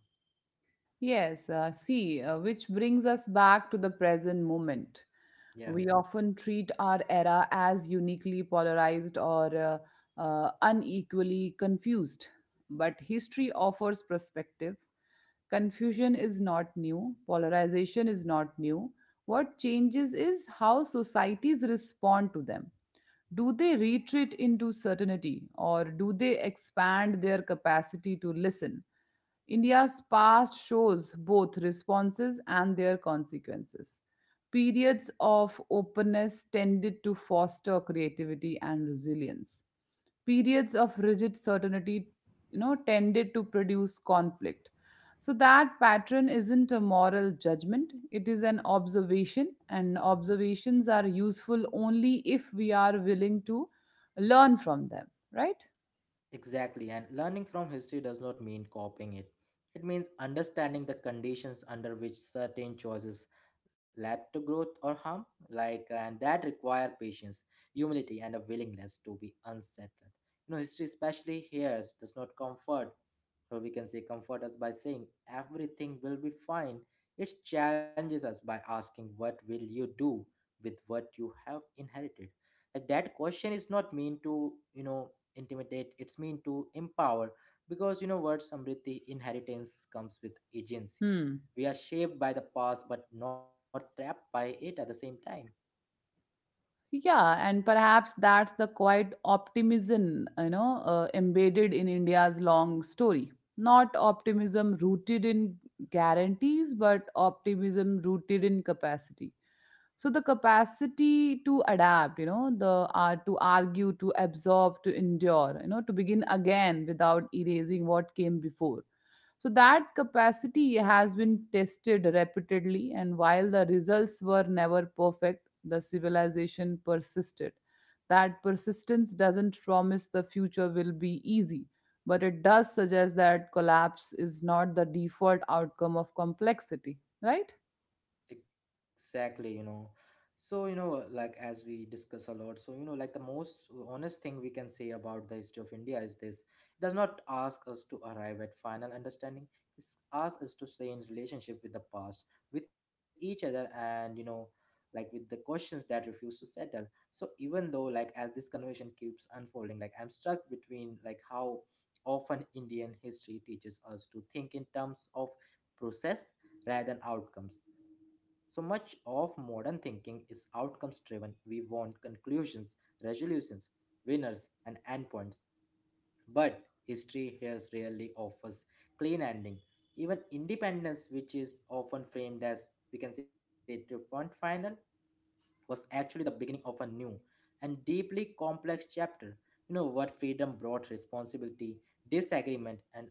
Speaker 2: Yes, uh, see, uh, which brings us back to the present moment.
Speaker 1: yeah.
Speaker 2: We often treat our era as uniquely polarized or uh, uh, unequally confused, but history offers perspective. Confusion is not new, polarization is not new. What changes is how societies respond to them. Do they retreat into certainty or do they expand their capacity to listen? India's past shows both responses and their consequences. Periods of openness tended to foster creativity and resilience. Periods of rigid certainty, you know, tended to produce conflict. So that pattern isn't a moral judgment, it is an observation, and observations are useful only if we are willing to learn from them, right?
Speaker 1: Exactly, and learning from history does not mean copying it. It means understanding the conditions under which certain choices led to growth or harm, like and that require patience, humility, and a willingness to be unsettled. You know, history, especially here, does not comfort, or we can say comfort us by saying everything will be fine. It challenges us by asking, what will you do with what you have inherited? Like that question is not mean to, you know, intimidate, it's mean to empower, because you know what, samriti, inheritance comes with agency.
Speaker 2: Hmm.
Speaker 1: We are shaped by the past but not trapped by it at the same time.
Speaker 2: Yeah, and perhaps that's the quiet optimism, you know, uh, embedded in India's long story. Not optimism rooted in guarantees, but optimism rooted in capacity. So the capacity to adapt, you know, the uh, to argue, to absorb, to endure, you know, to begin again without erasing what came before. So that capacity has been tested repeatedly, and while the results were never perfect, the civilization persisted. That persistence doesn't promise the future will be easy, but it does suggest that collapse is not the default outcome of complexity, right?
Speaker 1: Exactly, you know. So, you know, like as we discuss a lot, so, you know, like the most honest thing we can say about the history of India is this. It does not ask us to arrive at final understanding. It asks us to stay in relationship with the past, with each other, and, you know, like with the questions that refuse to settle. So even though, like, as this conversation keeps unfolding, like I'm stuck between, like, how often Indian history teaches us to think in terms of process rather than outcomes. So much of modern thinking is outcomes driven. We want conclusions, resolutions, winners, and endpoints. But history here rarely offers clean ending. Even independence, which is often framed as we can say triumphant final, was actually the beginning of a new and deeply complex chapter. You know what, freedom brought responsibility, disagreement, and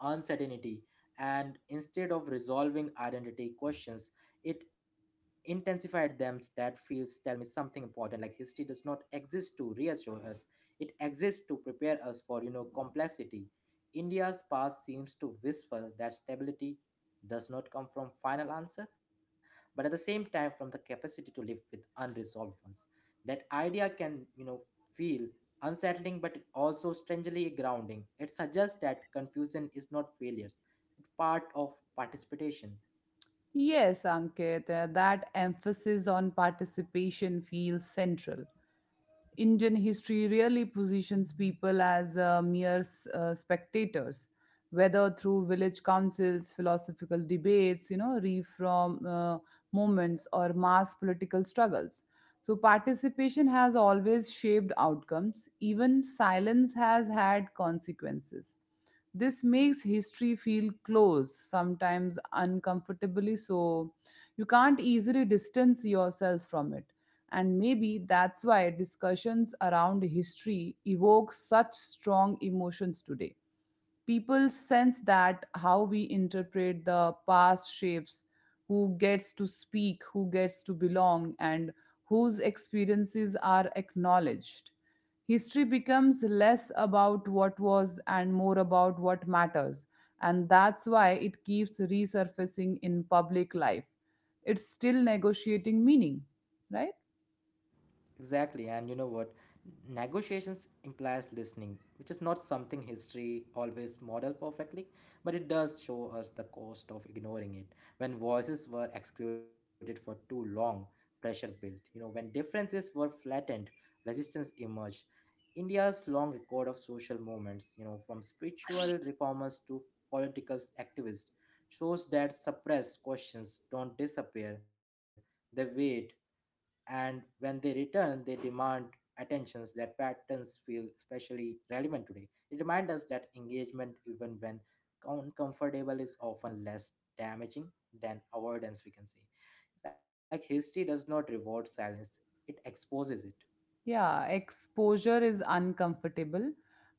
Speaker 1: uncertainty, and instead of resolving identity questions, it intensified them. That feels tell me something important, like history does not exist to reassure us, it exists to prepare us for, you know, complexity. India's past seems to whisper that stability does not come from final answer, but at the same time from the capacity to live with unresolved ones. That idea can, you know, feel unsettling but also strangely grounding. It suggests that confusion is not failures, it's part of participation.
Speaker 2: Yes, Ankit, uh, that emphasis on participation feels central. Indian history really positions people as uh, mere s- uh, spectators, whether through village councils, philosophical debates, you know, reform uh, movements, or mass political struggles. So, participation has always shaped outcomes, even silence has had consequences. This makes history feel close, sometimes uncomfortably so. You can't easily distance yourself from it. And maybe that's why discussions around history evoke such strong emotions today. People sense that how we interpret the past shapes who gets to speak, who gets to belong, and whose experiences are acknowledged. History becomes less about what was and more about what matters, and that's why it keeps resurfacing in public life. It's still negotiating meaning, right?
Speaker 1: Exactly, and you know what? Negotiations implies listening, which is not something history always model perfectly, but it does show us the cost of ignoring it. When voices were excluded for too long, pressure built. You know, when differences were flattened, resistance emerged. India's long record of social movements, you know, from spiritual reformers to political activists, shows that suppressed questions don't disappear, they wait, and when they return, they demand attentions. That patterns feel especially relevant today. It reminds us that engagement, even when uncomfortable, is often less damaging than avoidance, we can say. Like history does not reward silence, it exposes it.
Speaker 2: Yeah, exposure is uncomfortable,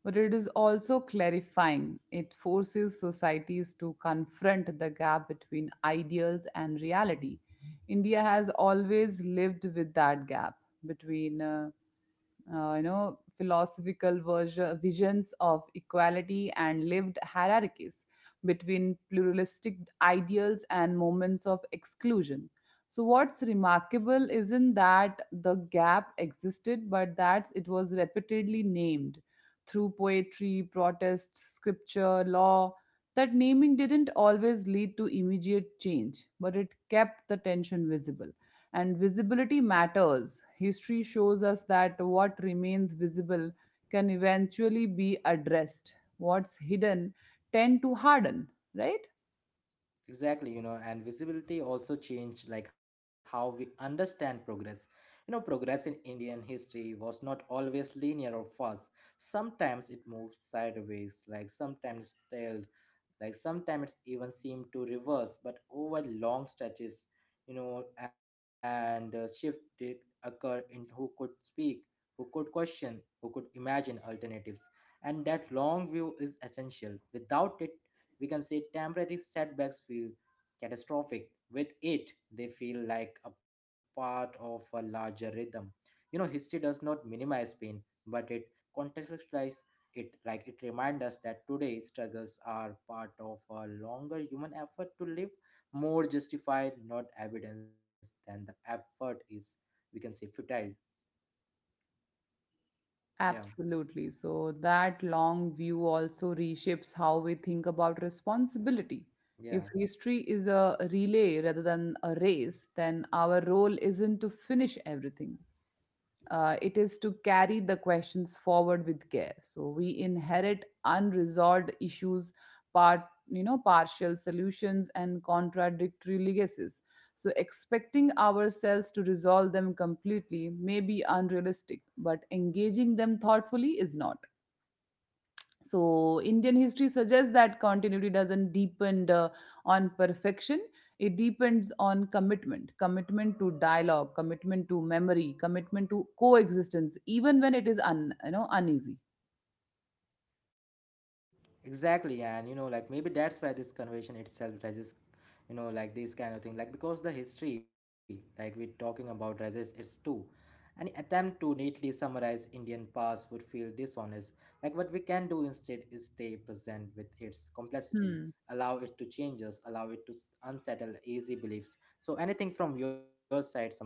Speaker 2: but it is also clarifying. It forces societies to confront the gap between ideals and reality. India has always lived with that gap between uh, uh, you know, philosophical version, visions of equality and lived hierarchies, between pluralistic ideals and moments of exclusion. So what's remarkable isn't that the gap existed, but that it was repeatedly named through poetry, protest, scripture, law. That naming didn't always lead to immediate change, but it kept the tension visible, and visibility matters. History shows us that what remains visible can eventually be addressed. What's hidden tend to harden, right?
Speaker 1: Exactly, you know, and visibility also changed like how we understand progress. You know, progress in Indian history was not always linear or fast. Sometimes it moved sideways, like sometimes tailed, like sometimes it's even seemed to reverse, but over long stretches, you know, and uh, shift did occur in who could speak, who could question, who could imagine alternatives. And that long view is essential, without it, we can say, temporary setbacks feel catastrophic, with it, they feel like a part of a larger rhythm. You know, history does not minimize pain, but it contextualizes it, like it reminds us that today struggles are part of a longer human effort to live more justified, not evidence than the effort is, we can say, futile. Yeah,
Speaker 2: Absolutely. So that long view also reshapes how we think about responsibility. If
Speaker 1: yeah.
Speaker 2: history is a relay rather than a race, then our role isn't to finish everything. Uh, it is to carry the questions forward with care. So we inherit unresolved issues, part you know, partial solutions and contradictory legacies. So expecting ourselves to resolve them completely may be unrealistic, but engaging them thoughtfully is not. So, Indian history suggests that continuity doesn't depend uh, on perfection, it depends on commitment. Commitment to dialogue, commitment to memory, commitment to coexistence, even when it is un, you know, uneasy.
Speaker 1: Exactly, and you know, like maybe that's why this conversation itself resists, you know, like this kind of thing, like because the history, like we're talking about, resists its too. Any attempt to neatly summarize Indian past would feel dishonest. Like what we can do instead is stay present with its complexity, allow it to change us, allow it to s- unsettle easy beliefs. So, anything from your side, Samriti?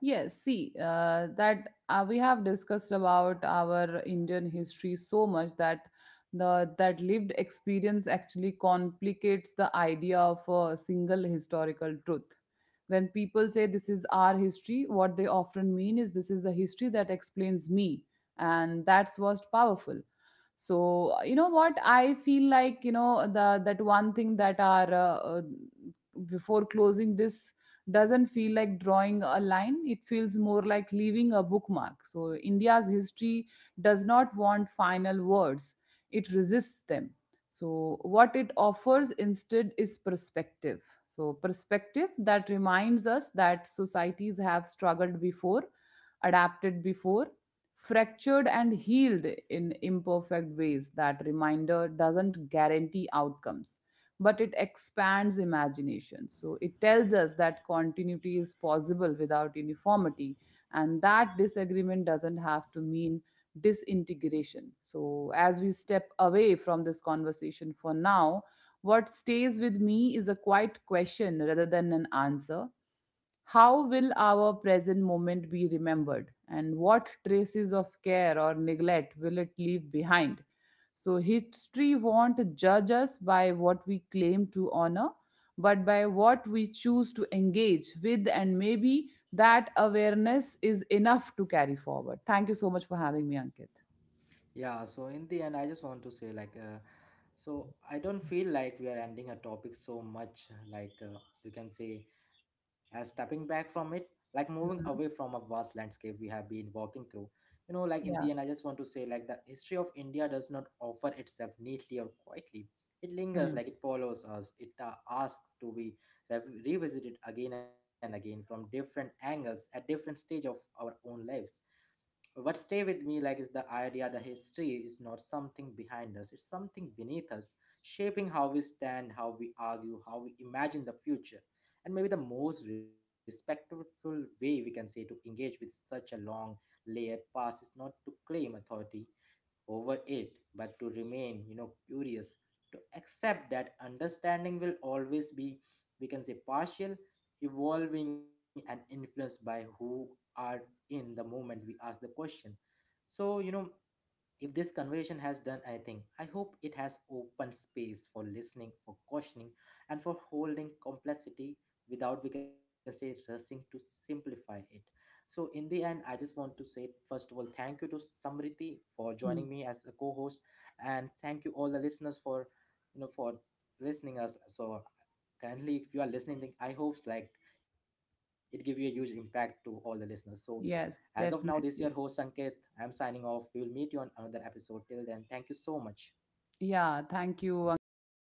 Speaker 2: Yes, see, uh, that uh, we have discussed about our Indian history so much that the that lived experience actually complicates the idea of a single historical truth. When people say this is our history, what they often mean is this is the history that explains me, and that's most powerful. So uh, you know what I feel like, you know, the that one thing that are uh, uh, before closing this, doesn't feel like drawing a line, it feels more like leaving a bookmark. So India's history does not want final words, it resists them. So what it offers instead is perspective. So perspective that reminds us that societies have struggled before, adapted before, fractured and healed in imperfect ways. That reminder doesn't guarantee outcomes, but it expands imagination. So it tells us that continuity is possible without uniformity, and that disagreement doesn't have to mean disintegration. So as we step away from this conversation for now, what stays with me is a quiet question rather than an answer. How will our present moment be remembered? And what traces of care or neglect will it leave behind? So, history won't judge us by what we claim to honor, but by what we choose to engage with. And maybe that awareness is enough to carry forward. Thank you so much for having me, Ankit.
Speaker 1: Yeah, so in the end, I just want to say, like, uh, so I don't feel like we are ending a topic so much, like, uh, you can say, as stepping back from it, like moving away from
Speaker 2: Mhm.
Speaker 1: a vast landscape we have been walking through. You know, like, in the
Speaker 2: Yeah.
Speaker 1: end, I just want to say, like, the history of India does not offer itself neatly or quietly. It lingers,
Speaker 2: Mm.
Speaker 1: like, it follows us. It uh, asks to be rev- revisited again and again from different angles at different stage of our own lives. What stay with me, like, is the idea that history is not something behind us, it's something beneath us, shaping how we stand, how we argue, how we imagine the future. And maybe the most respectful way, we can say, to engage with such a long layered past is not to claim authority over it, but to remain, you know, curious, to accept that understanding will always be, we can say, partial, evolving, and influenced by who are in the moment we ask the question. So, you know, if this conversation has done anything, I hope it has opened space for listening, for questioning, and for holding complexity without, we can say, rushing to simplify it. So, in the end, I just want to say, first of all, thank you to Samriti for joining
Speaker 2: Mm.
Speaker 1: me as a co host, and thank you all the listeners for, you know, for listening us. So, kindly, if you are listening, I hope like it give you a huge impact to all the listeners. So, as of
Speaker 2: Yes,
Speaker 1: now, this is your host
Speaker 2: definitely.
Speaker 1: Sanket. I'm signing off. We'll meet you on another episode. Till then, thank you so much.
Speaker 2: Yeah. Thank you, Ankit, for.